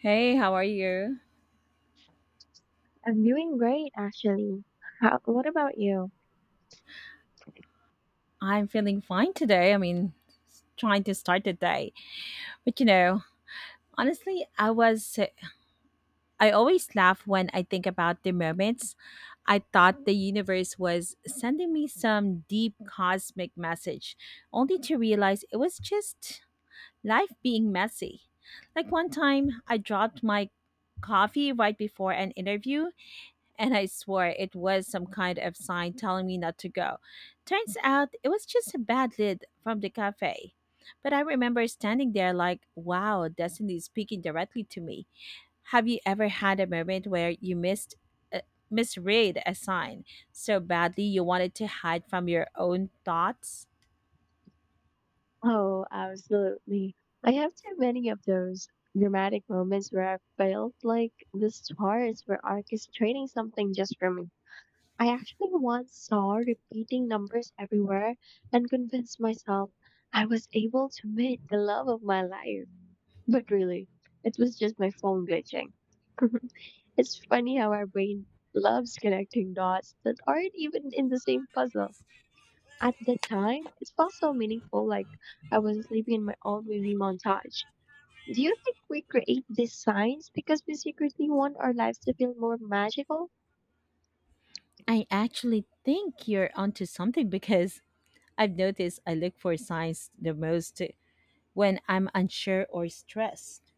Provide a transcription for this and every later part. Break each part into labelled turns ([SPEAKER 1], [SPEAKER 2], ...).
[SPEAKER 1] Hey, how are you?
[SPEAKER 2] I'm doing great, actually. What about you?
[SPEAKER 1] I'm feeling fine today. Trying to start the day. But honestly, I always laugh when I think about the moments I thought the universe was sending me some deep cosmic message, only to realize it was just life being messy. Like one time, I dropped my coffee right before an interview and I swore it was some kind of sign telling me not to go. Turns out it was just a bad lid from the cafe. But I remember standing there like, wow, destiny is speaking directly to me. Have you ever had a moment where you missed uh, misread a sign so badly you wanted to hide from your own thoughts?
[SPEAKER 2] Oh, absolutely. I have too many of those dramatic moments where I felt like the stars were orchestrating something just for me. I actually once saw repeating numbers everywhere and convinced myself I was able to meet the love of my life. But really, it was just my phone glitching. It's funny how our brain loves connecting dots that aren't even in the same puzzle. At the time, it felt so meaningful, like I was living in my own movie montage. Do you think we create these signs because we secretly want our lives to feel more magical?
[SPEAKER 1] I actually think you're onto something because I've noticed I look for signs the most when I'm unsure or stressed.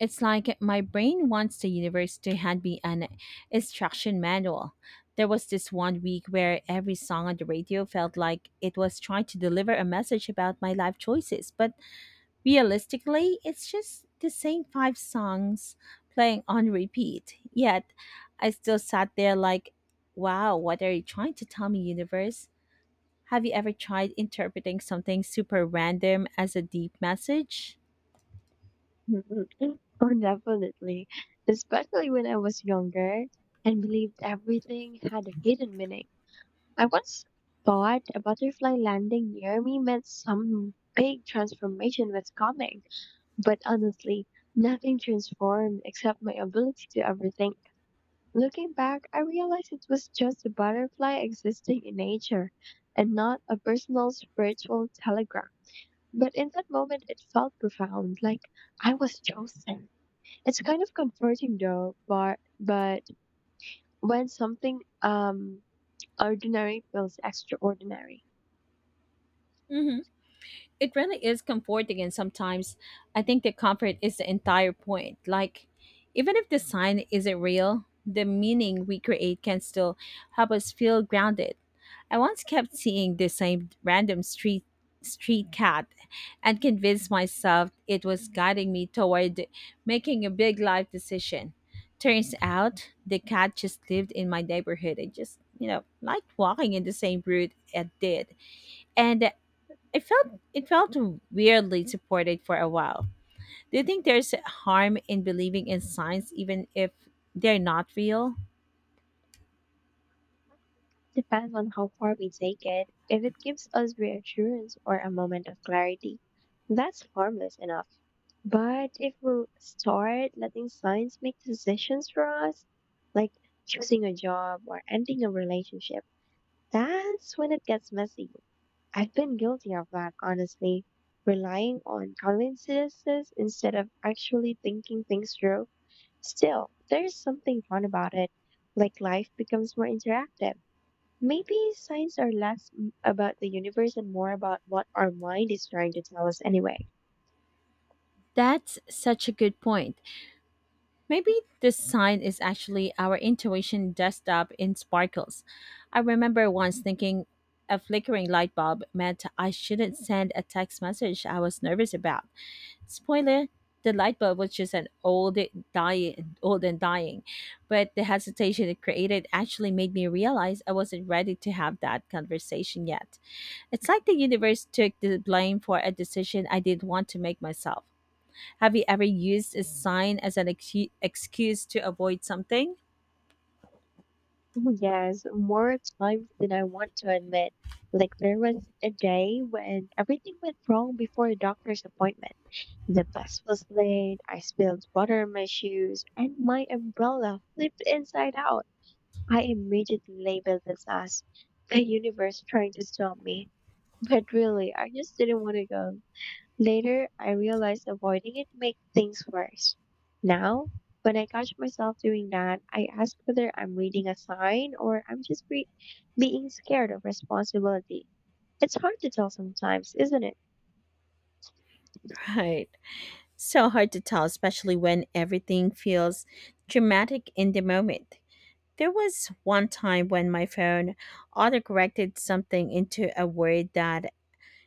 [SPEAKER 1] It's like my brain wants the universe to hand me an instruction manual. There was this one week where every song on the radio felt like it was trying to deliver a message about my life choices, but realistically, it's just the same five songs playing on repeat. Yet, I still sat there like, wow, what are you trying to tell me, universe? Have you ever tried interpreting something super random as a deep message?
[SPEAKER 2] Mhm. Oh, definitely. Especially when I was younger and believed everything had a hidden meaning. I once thought a butterfly landing near me meant some big transformation was coming, but honestly, nothing transformed except my ability to overthink. Looking back, I realized it was just a butterfly existing in nature and not a personal spiritual telegram. But in that moment, it felt profound, like I was chosen. It's kind of comforting though, but when something ordinary feels extraordinary.
[SPEAKER 1] Mhm. It really is comforting, and sometimes I think the comfort is the entire point. Like, even if the sign isn't real, the meaning we create can still help us feel grounded. I once kept seeing the same random street cat and convinced myself it was guiding me toward making a big life decision. Turns out the cat just lived in my neighborhood and just, you know, liked walking in the same route it did, and it felt weirdly supported for a while. Do you think there's harm in believing in signs even if they're not real?
[SPEAKER 2] Depends on how far we take it. If it gives us reassurance or a moment of clarity, that's harmless enough. But if we start letting science make decisions for us, like choosing a job or ending a relationship, that's when it gets messy. I've been guilty of that, honestly. Relying on coincidences instead of actually thinking things through. Still, there's something fun about it. Like life becomes more interactive. Maybe signs are less about the universe and more about what our mind is trying to tell us anyway.
[SPEAKER 1] That's such a good point. Maybe this sign is actually our intuition dressed up in sparkles. I remember once thinking a flickering light bulb meant I shouldn't send a text message I was nervous about. Spoiler: the light bulb was just an old and dying. But the hesitation it created actually made me realize I wasn't ready to have that conversation yet. It's like the universe took the blame for a decision I didn't want to make myself. Have you ever used a sign as an excuse to avoid something?
[SPEAKER 2] Oh, yes, more times than I want to admit. Like there was a day when everything went wrong before a doctor's appointment. The bus was late, I spilled water on my shoes, and my umbrella flipped inside out. I immediately labeled this as the universe trying to stop me. But really, I just didn't want to go. Later, I realized avoiding it made things worse. Now, when I catch myself doing that, I ask whether I'm reading a sign or I'm just being scared of responsibility. It's hard to tell sometimes, isn't it?
[SPEAKER 1] Right. So hard to tell, especially when everything feels dramatic in the moment. There was one time when my phone autocorrected something into a word that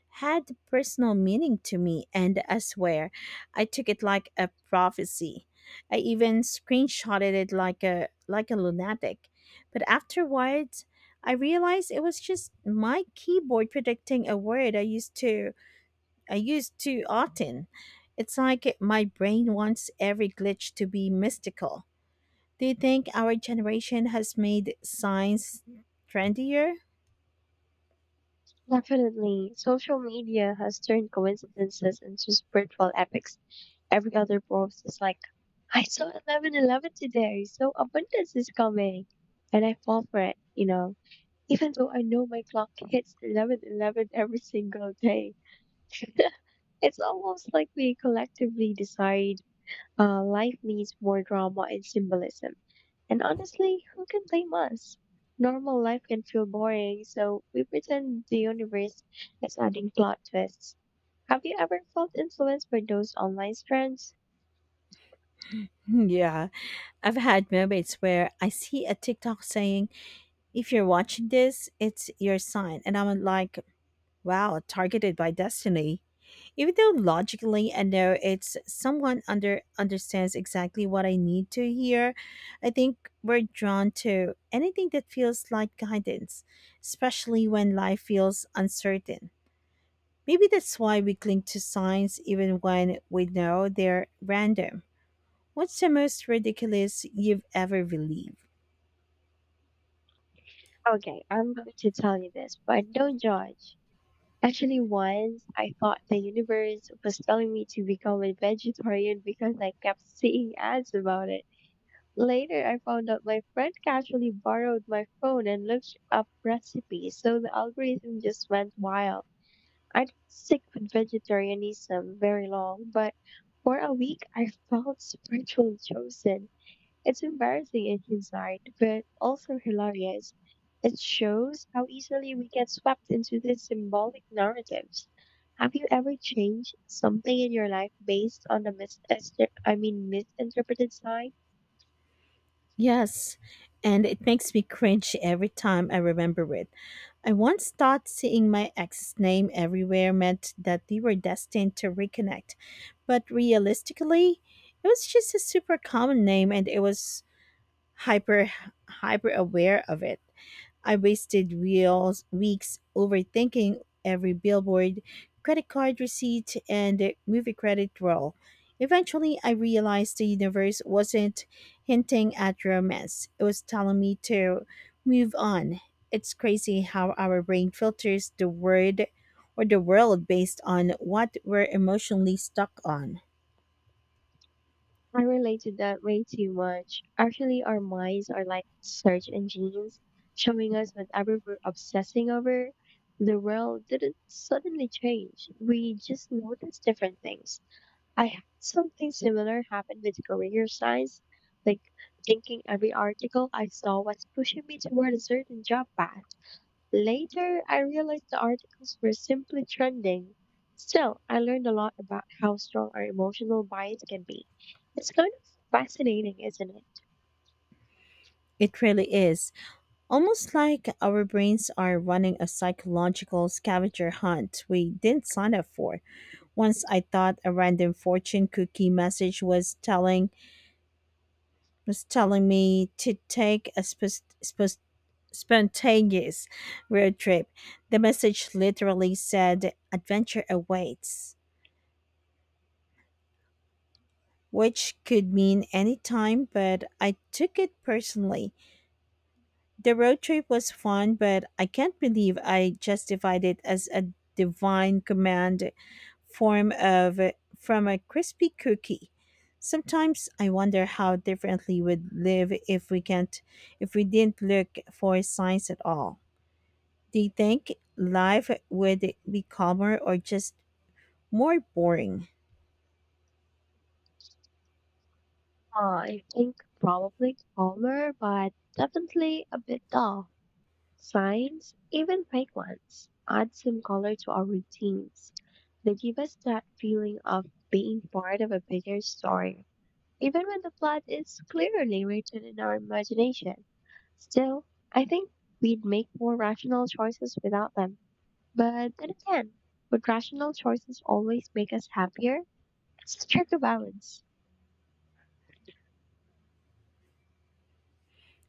[SPEAKER 1] had personal meaning to me, and I swear I took it like a prophecy. I even screenshotted it like a lunatic. But afterwards, I realized it was just my keyboard predicting a word I used too often. It's like my brain wants every glitch to be mystical. Do you think our generation has made science trendier?
[SPEAKER 2] Definitely, social media has turned coincidences into spiritual epics. Every other post is like I saw 11:11 today, so abundance is coming. And I fall for it, you know, even though I know my clock hits 11:11 every single day. It's almost like we collectively decide life needs more drama and symbolism. And honestly, who can blame us? Normal life can feel boring, so we pretend the universe is adding plot twists. Have you ever felt influenced by those online trends?
[SPEAKER 1] Yeah, I've had moments where I see a TikTok saying, if you're watching this, it's your sign. And I'm like, wow, targeted by destiny. Even though logically I know it's someone understands exactly what I need to hear, I think we're drawn to anything that feels like guidance, especially when life feels uncertain. Maybe that's why we cling to signs even when we know they're random. What's the most ridiculous you've ever believed?
[SPEAKER 2] Okay, I'm going to tell you this, but don't judge. Actually, once I thought the universe was telling me to become a vegetarian because I kept seeing ads about it. Later, I found out my friend casually borrowed my phone and looked up recipes, so the algorithm just went wild. I didn't stick with vegetarianism very long, but for a week I felt spiritually chosen. It's embarrassing in hindsight, but also hilarious. It shows how easily we get swept into these symbolic narratives. Have you ever changed something in your life based on the misinterpreted sign?
[SPEAKER 1] Yes, and it makes me cringe every time I remember it. I once thought seeing my ex's name everywhere meant that we were destined to reconnect, but realistically, it was just a super common name and it was hyper hyper aware of it. I wasted wheels weeks overthinking every billboard, credit card receipt, and movie credit roll. Eventually, I realized the universe wasn't hinting at romance. It was telling me to move on. It's crazy how our brain filters the word or the world based on what we're emotionally stuck on.
[SPEAKER 2] I relate to that way too much. Actually, our minds are like search engines, showing us whatever we're obsessing over. The world didn't suddenly change. We just noticed different things. I had something similar happen with career science, like thinking every article I saw was pushing me toward a certain job path. Later, I realized the articles were simply trending. Still, I learned a lot about how strong our emotional bias can be. It's kind of fascinating, isn't it?
[SPEAKER 1] It really is. Almost like our brains are running a psychological scavenger hunt we didn't sign up for. Once I thought a random fortune cookie message was telling me to take a spontaneous road trip. The message literally said adventure awaits, which could mean any time, but I took it personally. The road trip was fun, but I can't believe I justified it as a divine command form of from a crispy cookie. Sometimes I wonder how differently we'd live if we can't if we didn't look for signs at all. Do you think life would be calmer or just more boring?
[SPEAKER 2] I think probably calmer, but definitely a bit dull. Signs, even fake ones, add some color to our routines. They give us that feeling of being part of a bigger story, even when the plot is clearly written in our imagination. Still, I think we'd make more rational choices without them. But then again, would rational choices always make us happier? It's a tricky balance.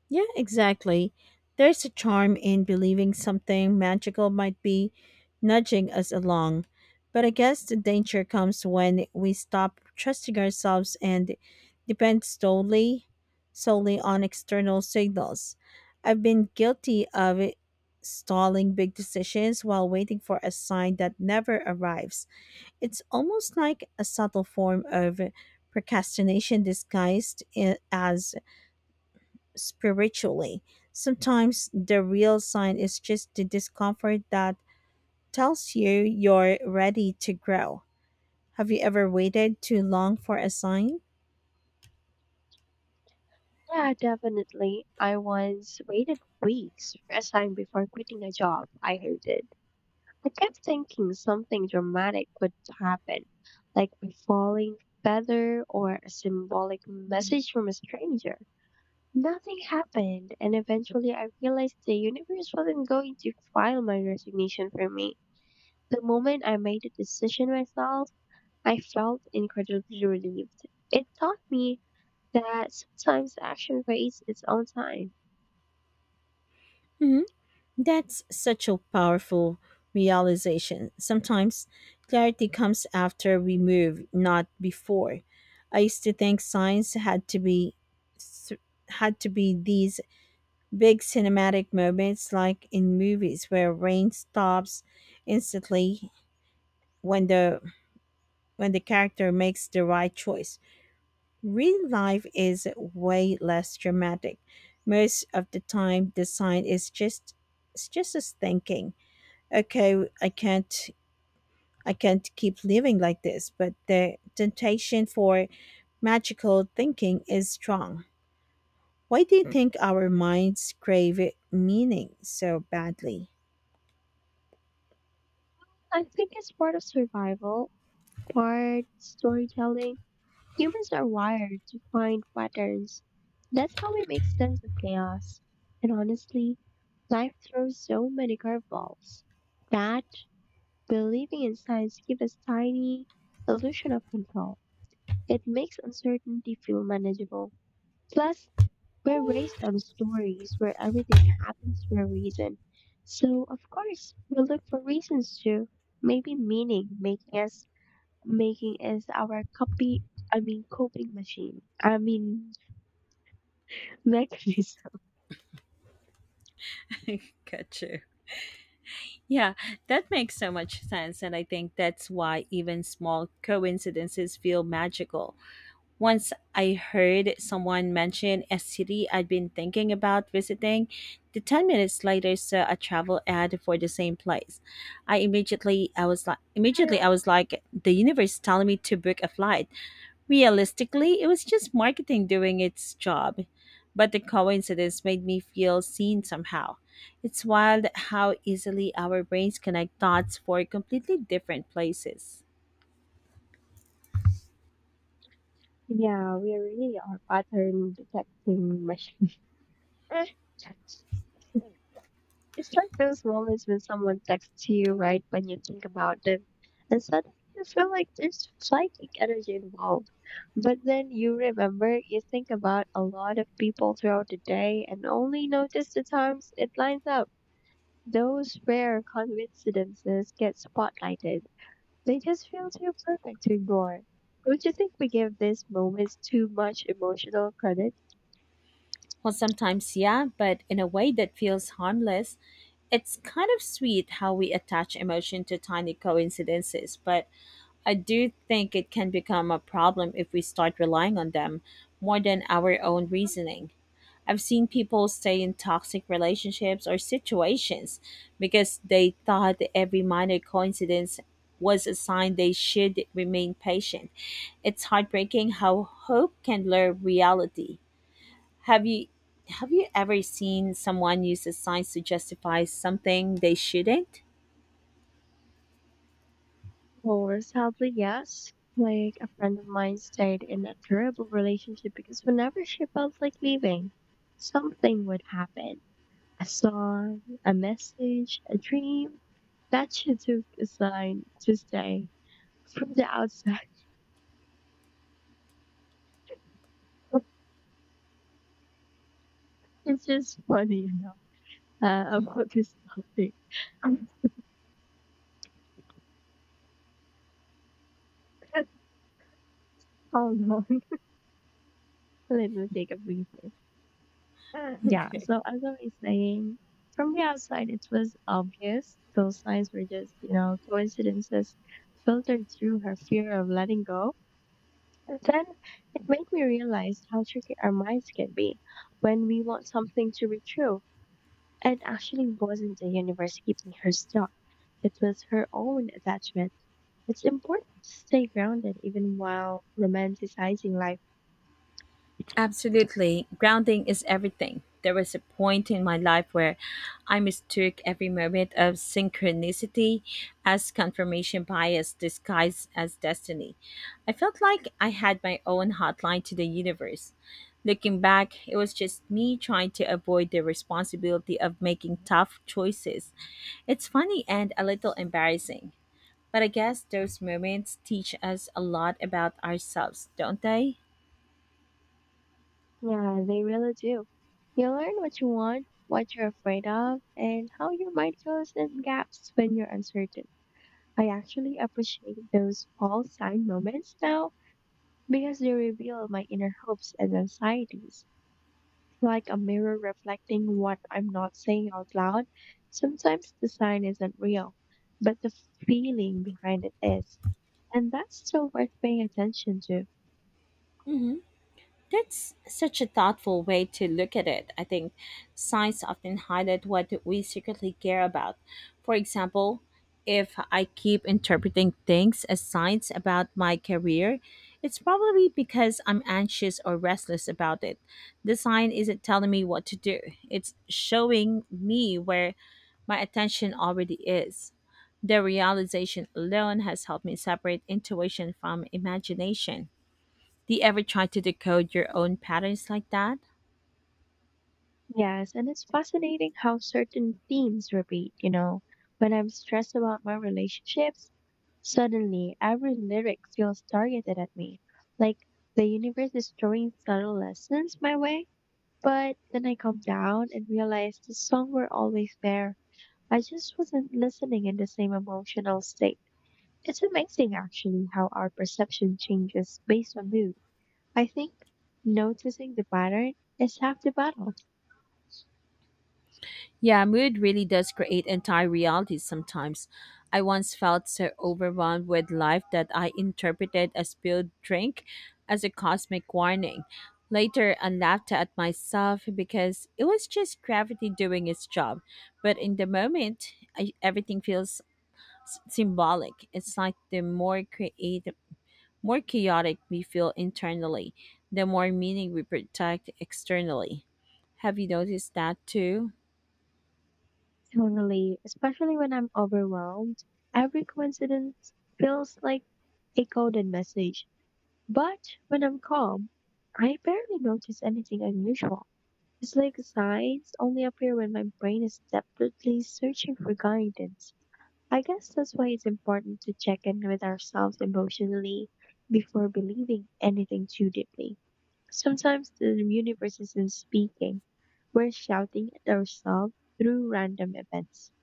[SPEAKER 1] Yeah, exactly. There's a charm in believing something magical might be nudging us along. But I guess the danger comes when we stop trusting ourselves and depend solely solely on external signals. I've been guilty of stalling big decisions while waiting for a sign that never arrives. It's almost like a subtle form of procrastination disguised as spiritually. Sometimes the real sign is just the discomfort that tells you you're ready to grow. Have you ever waited too long for a sign?
[SPEAKER 2] Yeah, definitely. I once waited weeks for a sign before quitting a job I hated. I kept thinking something dramatic would happen, like a falling feather or a symbolic message from a stranger. Nothing happened, and eventually I realized the universe wasn't going to file my resignation for me. The moment I made the decision myself, I felt incredibly relieved. It taught me that sometimes action waits its own time.
[SPEAKER 1] Mhm. That's such a powerful realization. Sometimes clarity comes after we move, not before. I used to think science th- had to be these big cinematic moments like in movies where rain stops instantly when the when the character makes the right choice. Real life is way less dramatic. Most of the time the sign is just it's just us thinking, okay, I can't keep living like this. But the temptation for magical thinking is strong. Why do you think our minds crave meaning so badly?
[SPEAKER 2] I think it's part of survival, part storytelling. Humans are wired to find patterns. That's how we make sense of chaos. And honestly, life throws so many curveballs that believing in science gives us tiny illusion of control. It makes uncertainty feel manageable. Plus, we're raised on stories where everything happens for a reason. So, of course, we look for reasons to maybe meaning, making us making is our copy I mean coping machine. I mean mechanism.
[SPEAKER 1] Got you. Yeah, that makes so much sense. And I think that's why even small coincidences feel magical. Once I heard someone mention a city I'd been thinking about visiting. The 10 minutes later saw a travel ad for the same place. I immediately I was like Immediately I was like, the universe is telling me to book a flight. Realistically, it was just marketing doing its job. But the coincidence made me feel seen somehow. It's wild how easily our brains connect dots for completely different places.
[SPEAKER 2] Yeah, we really are pattern detecting machine. It's like those moments when someone texts you right when you think about them, and suddenly you feel like there's psychic energy involved. But then you remember you think about a lot of people throughout the day and only notice the times it lines up. Those rare coincidences get spotlighted. They just feel too perfect to ignore. Don't you think we give these moments too much emotional credit?
[SPEAKER 1] Well, sometimes, yeah, but in a way that feels harmless. It's kind of sweet how we attach emotion to tiny coincidences, but I do think it can become a problem if we start relying on them more than our own reasoning. I've seen people stay in toxic relationships or situations because they thought that every minor coincidence was a sign they should remain patient. It's heartbreaking how hope can blur reality. Have you have you ever seen someone use a science to justify something they shouldn't?
[SPEAKER 2] Well, sadly, yes. Like a friend of mine stayed in a terrible relationship because whenever she felt like leaving, something would happen. A song, a message, a dream that she took a sign to stay from the outside. It's just funny, you know, about this topic. Hold on, let me take a breather. Yeah,
[SPEAKER 1] Okay.
[SPEAKER 2] so as I was saying, from the outside, it was obvious. Those signs were just, you know, coincidences filtered through her fear of letting go. And then it made me realize how tricky our minds can be when we want something to be true. It actually wasn't the universe keeping her stuck, it was her own attachment. It's important to stay grounded even while romanticizing life.
[SPEAKER 1] Absolutely. Grounding is everything. There was a point in my life where I mistook every moment of synchronicity as confirmation bias disguised as destiny. I felt like I had my own hotline to the universe. Looking back, it was just me trying to avoid the responsibility of making tough choices. It's funny and a little embarrassing. But I guess those moments teach us a lot about ourselves, don't they?
[SPEAKER 2] Yeah, they really do. You learn what you want, what you're afraid of, and how your mind fills in gaps when you're uncertain. I actually appreciate those all sign moments now because they reveal my inner hopes and anxieties, like a mirror reflecting what I'm not saying out loud. Sometimes the sign isn't real, but the feeling behind it is, and that's still worth paying attention to.
[SPEAKER 1] Mhm. That's such a thoughtful way to look at it. I think signs often highlight what we secretly care about. For example, if I keep interpreting things as signs about my career, it's probably because I'm anxious or restless about it. The sign isn't telling me what to do, it's showing me where my attention already is. The realization alone has helped me separate intuition from imagination. Do you ever try to decode your own patterns like that?
[SPEAKER 2] Yes, and it's fascinating how certain themes repeat, you know. When I'm stressed about my relationships, suddenly every lyric feels targeted at me. Like the universe is throwing subtle lessons my way. But then I calm down and realize the song were always there. I just wasn't listening in the same emotional state. It's amazing actually how our perception changes based on mood. I think noticing the pattern is half the battle.
[SPEAKER 1] Yeah, mood really does create entire realities sometimes. I once felt so overwhelmed with life that I interpreted a spilled drink as a cosmic warning. Later, I laughed at myself because it was just gravity doing its job. But in the moment, I, everything feels symbolic. It's like the more chaotic we feel internally, the more meaning we protect externally. Have you noticed that too?
[SPEAKER 2] Totally, especially when I'm overwhelmed, every coincidence feels like a coded message. But when I'm calm, I barely notice anything unusual. It's like signs only appear when my brain is desperately searching for guidance. I guess that's why it's important to check in with ourselves emotionally before believing anything too deeply. Sometimes the universe isn't speaking, we're shouting at ourselves through random events.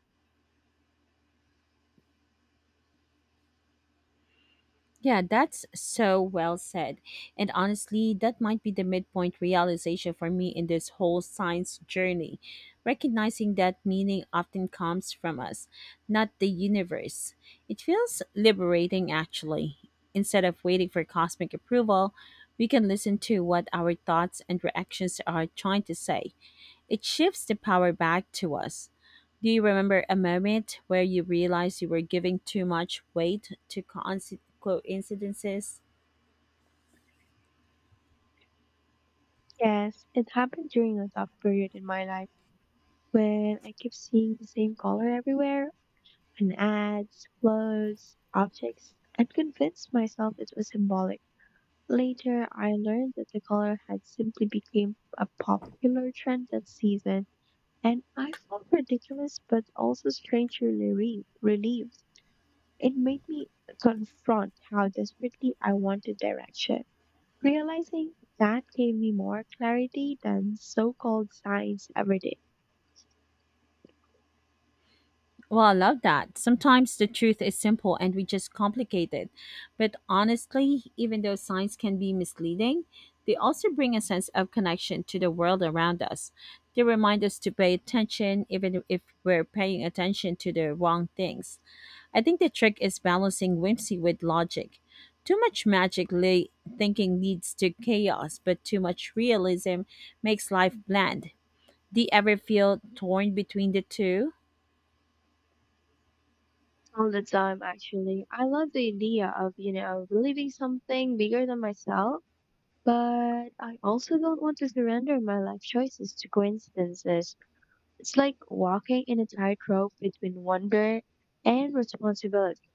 [SPEAKER 1] Yeah, that's so well said. And honestly, that might be the midpoint realization for me in this whole science journey. Recognizing that meaning often comes from us, not the universe. It feels liberating, actually. Instead of waiting for cosmic approval, we can listen to what our thoughts and reactions are trying to say. It shifts the power back to us. Do you remember a moment where you realized you were giving too much weight to coincidences?
[SPEAKER 2] Yes, it happened during a tough period in my life when I kept seeing the same color everywhere on ads, clothes, objects, and convinced myself it was symbolic. Later, I learned that the color had simply become a popular trend that season, and I felt ridiculous but also strangely relieved. It made me confront how desperately I wanted direction. Realizing that gave me more clarity than so-called science ever did.
[SPEAKER 1] Well, I love that. Sometimes the truth is simple and we just complicate it. But honestly, even though signs can be misleading, they also bring a sense of connection to the world around us. They remind us to pay attention even if we're paying attention to the wrong things. I think the trick is balancing whimsy with logic. Too much magically thinking leads to chaos, but too much realism makes life bland. Do you ever feel torn between the two?
[SPEAKER 2] All the time, actually. I love the idea of, you know, believing something bigger than myself, but I also don't want to surrender my life choices to coincidences. It's like walking in a tightrope between wonder and responsibility,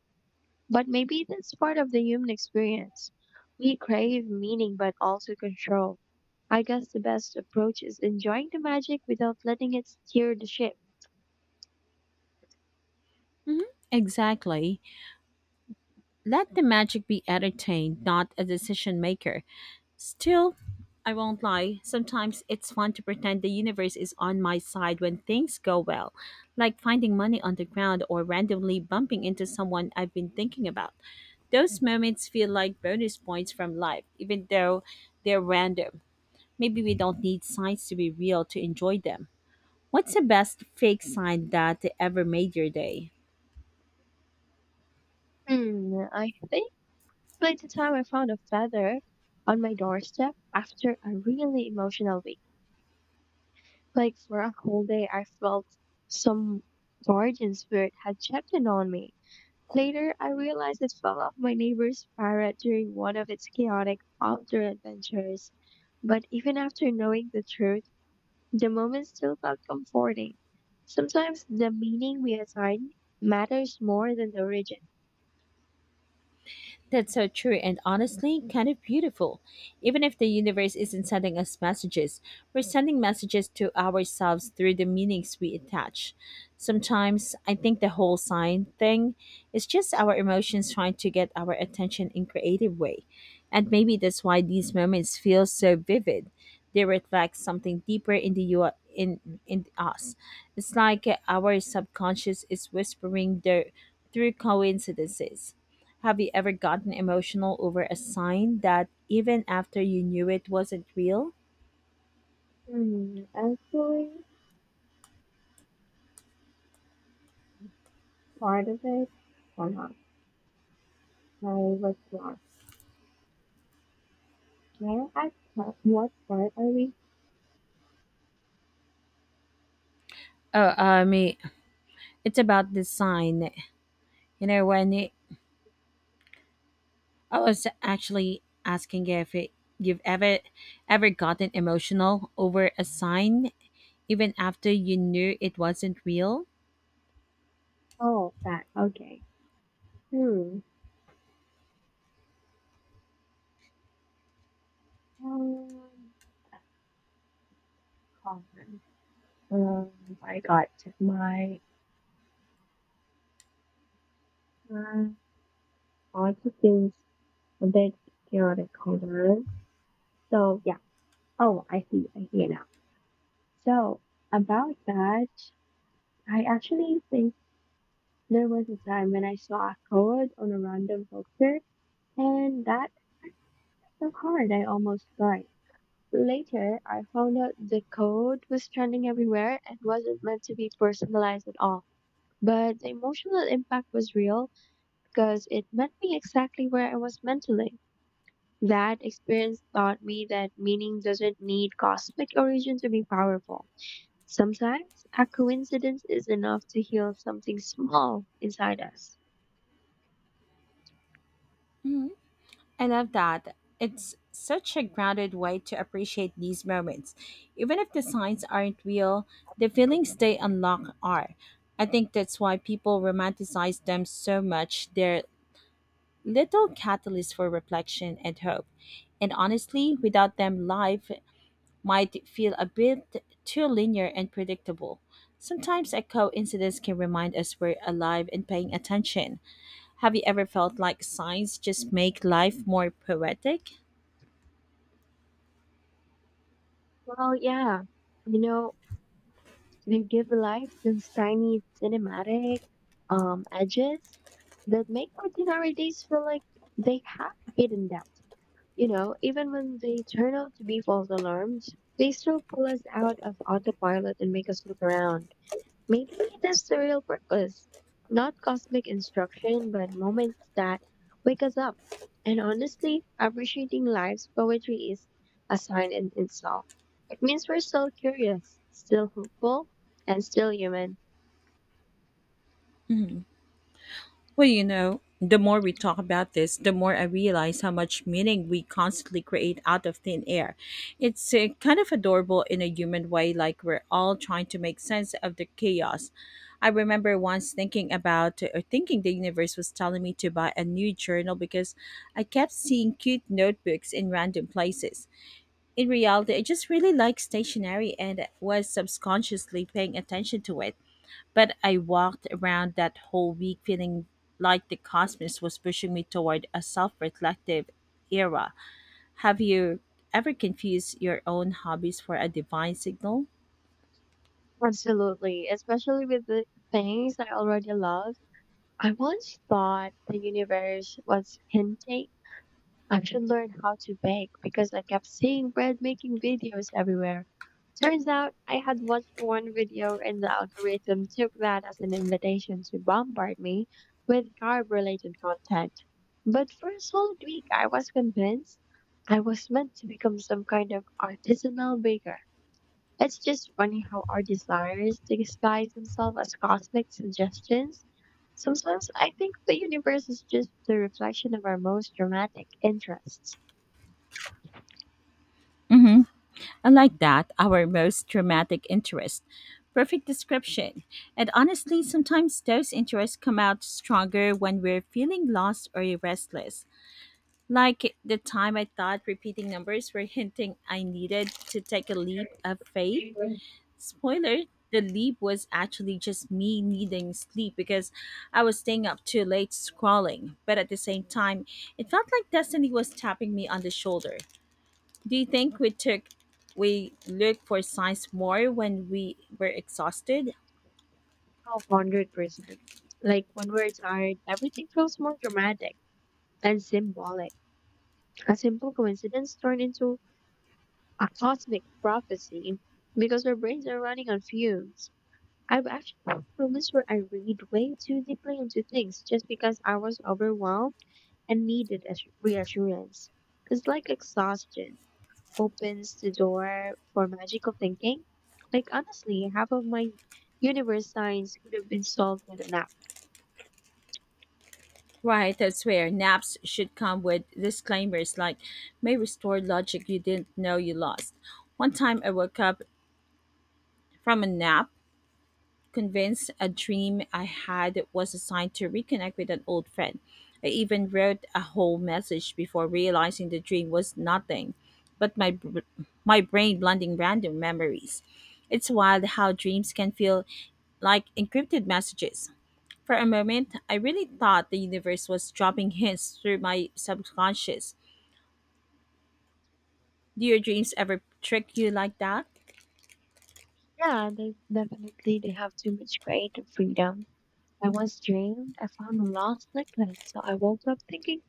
[SPEAKER 2] but maybe that's part of the human experience. We crave meaning but also control. I guess the best approach is enjoying the magic without letting it steer the ship.
[SPEAKER 1] Exactly. Let the magic be entertained, not a decision maker. Still, I won't lie, sometimes it's fun to pretend the universe is on my side when things go well, like finding money on the ground or randomly bumping into someone I've been thinking about. Those moments feel like bonus points from life, even though they're random. Maybe we don't need signs to be real to enjoy them. What's the best fake sign that ever made your day?
[SPEAKER 2] Hmm, I think by the time I found a feather on my doorstep after a really emotional week, like for a whole day, I felt some guardian spirit had checked in on me. Later, I realized it fell off my neighbor's parrot during one of its chaotic outdoor adventures. But even after knowing the truth, the moment still felt comforting. Sometimes the meaning we assign matters more than the origin.
[SPEAKER 1] That's so true and honestly kind of beautiful. Even if the universe isn't sending us messages, we're sending messages to ourselves through the meanings we attach. Sometimes I think the whole sign thing is just our emotions trying to get our attention in creative way. And maybe that's why these moments feel so vivid. They reflect something deeper in the you in us. It's like our subconscious is whispering the through coincidences. Have you ever gotten emotional over a sign that even after you knew it wasn't real?
[SPEAKER 2] Hmm, actually, part of it, or not, I was lost. Well, I thought, what part are we?
[SPEAKER 1] Oh, I mean, it's about this sign. You know, when it, I was actually asking if it, you've ever gotten emotional over a sign even after you knew it wasn't real.
[SPEAKER 2] Oh, that, okay. Hmm, um, Comment. Um, I got my, uh, lots of things a bit chaotic color. So, yeah. Oh, I see it now. So, about that, I actually think there was a time when I saw a code on a random picture, and that so hard I almost cried. Later, I found out the code was trending everywhere and wasn't meant to be personalized at all. But the emotional impact was real because it met me exactly where I was mentally. That experience taught me that meaning doesn't need cosmic origin to be powerful. Sometimes a coincidence is enough to heal something small inside us.
[SPEAKER 1] I love that. It's such a grounded way to appreciate these moments. Even if the signs aren't real, the feelings they unlock are. I think that's why people romanticize them so much. They're little catalysts for reflection and hope. And honestly, without them, life might feel a bit too linear and predictable. Sometimes a coincidence can remind us we're alive and paying attention. Have you ever felt like signs just make life more poetic?
[SPEAKER 2] Well, yeah. You know, they give life those tiny cinematic edges that make ordinary days feel like they have hidden depth. You know, even when they turn out to be false alarms, they still pull us out of autopilot and make us look around. Maybe that's the real purpose. Not cosmic instruction, but moments that wake us up. And honestly, appreciating life's poetry is a sign in itself. It means we're still curious, still hopeful, and still human.
[SPEAKER 1] Well, you know, the more we talk about this, the more I realize how much meaning we constantly create out of thin air. It's kind of adorable in a human way, like we're all trying to make sense of the chaos. I remember once thinking about or thinking the universe was telling me to buy a new journal because I kept seeing cute notebooks in random places. In reality, I just really like stationery and was subconsciously paying attention to it. But I walked around that whole week feeling like the cosmos was pushing me toward a self reflective era. Have you ever confused your own hobbies for a divine signal?
[SPEAKER 2] Absolutely, especially with the things I already love. I once thought the universe was hinting I should learn how to bake because I kept seeing bread making videos everywhere. Turns out I had watched one video and the algorithm took that as an invitation to bombard me with carb related content. But for a solid week, I was convinced I was meant to become some kind of artisanal baker. It's just funny how our desires disguise themselves as cosmic suggestions. Sometimes I think the universe is just the reflection of our most dramatic interests.
[SPEAKER 1] Unlike that, our most dramatic interest. Perfect description. And honestly, sometimes those interests come out stronger when we're feeling lost or restless. Like the time I thought repeating numbers were hinting I needed to take a leap of faith. Spoiler, the leap was actually just me needing sleep because I was staying up too late scrolling. But at the same time, it felt like destiny was tapping me on the shoulder. Do you think we look for signs more when we were exhausted?
[SPEAKER 2] Oh, 100%. Like when we're tired, everything feels more dramatic and symbolic. A simple coincidence turned into a cosmic prophecy because our brains are running on fumes. I've actually had moments where I read way too deeply into things just because I was overwhelmed and needed as reassurance. Because, like, exhaustion opens the door for magical thinking. Like, honestly, half of my universe science could have been solved with a nap.
[SPEAKER 1] Right, I swear, naps should come with disclaimers like may restore logic you didn't know you lost. One time I woke up from a nap convinced a dream I had was a sign to reconnect with an old friend. I even wrote a whole message before realizing the dream was nothing but my brain blending random memories. It's wild how dreams can feel like encrypted messages. For a moment, I really thought the universe was dropping hints through my subconscious. Do your dreams ever trick you like that?
[SPEAKER 2] Yeah, they definitely they have too much creative freedom. I once dreamed I found a lost necklace, so I woke up thinking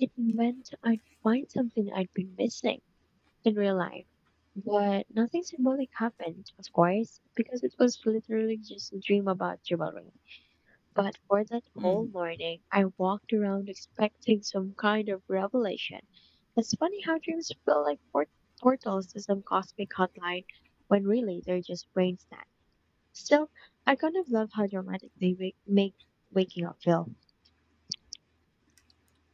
[SPEAKER 2] it meant I'd find something I'd been missing in real life. But nothing symbolic happened, of course, because it was literally just a dream about jewelry. But for that whole
[SPEAKER 1] Hmm.
[SPEAKER 2] morning, I walked around expecting some kind of revelation. It's funny how dreams feel like portals to some cosmic hotline when really they're just brain snacks. Still, I kind of love how dramatic they make waking up feel.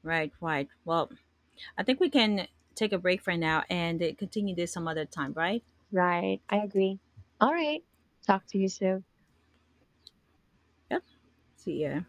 [SPEAKER 1] Right, right. Well, I think we can take a break for now and continue this some other time, right?
[SPEAKER 2] Right, I agree. All right, talk to you soon.
[SPEAKER 1] Yep. See ya.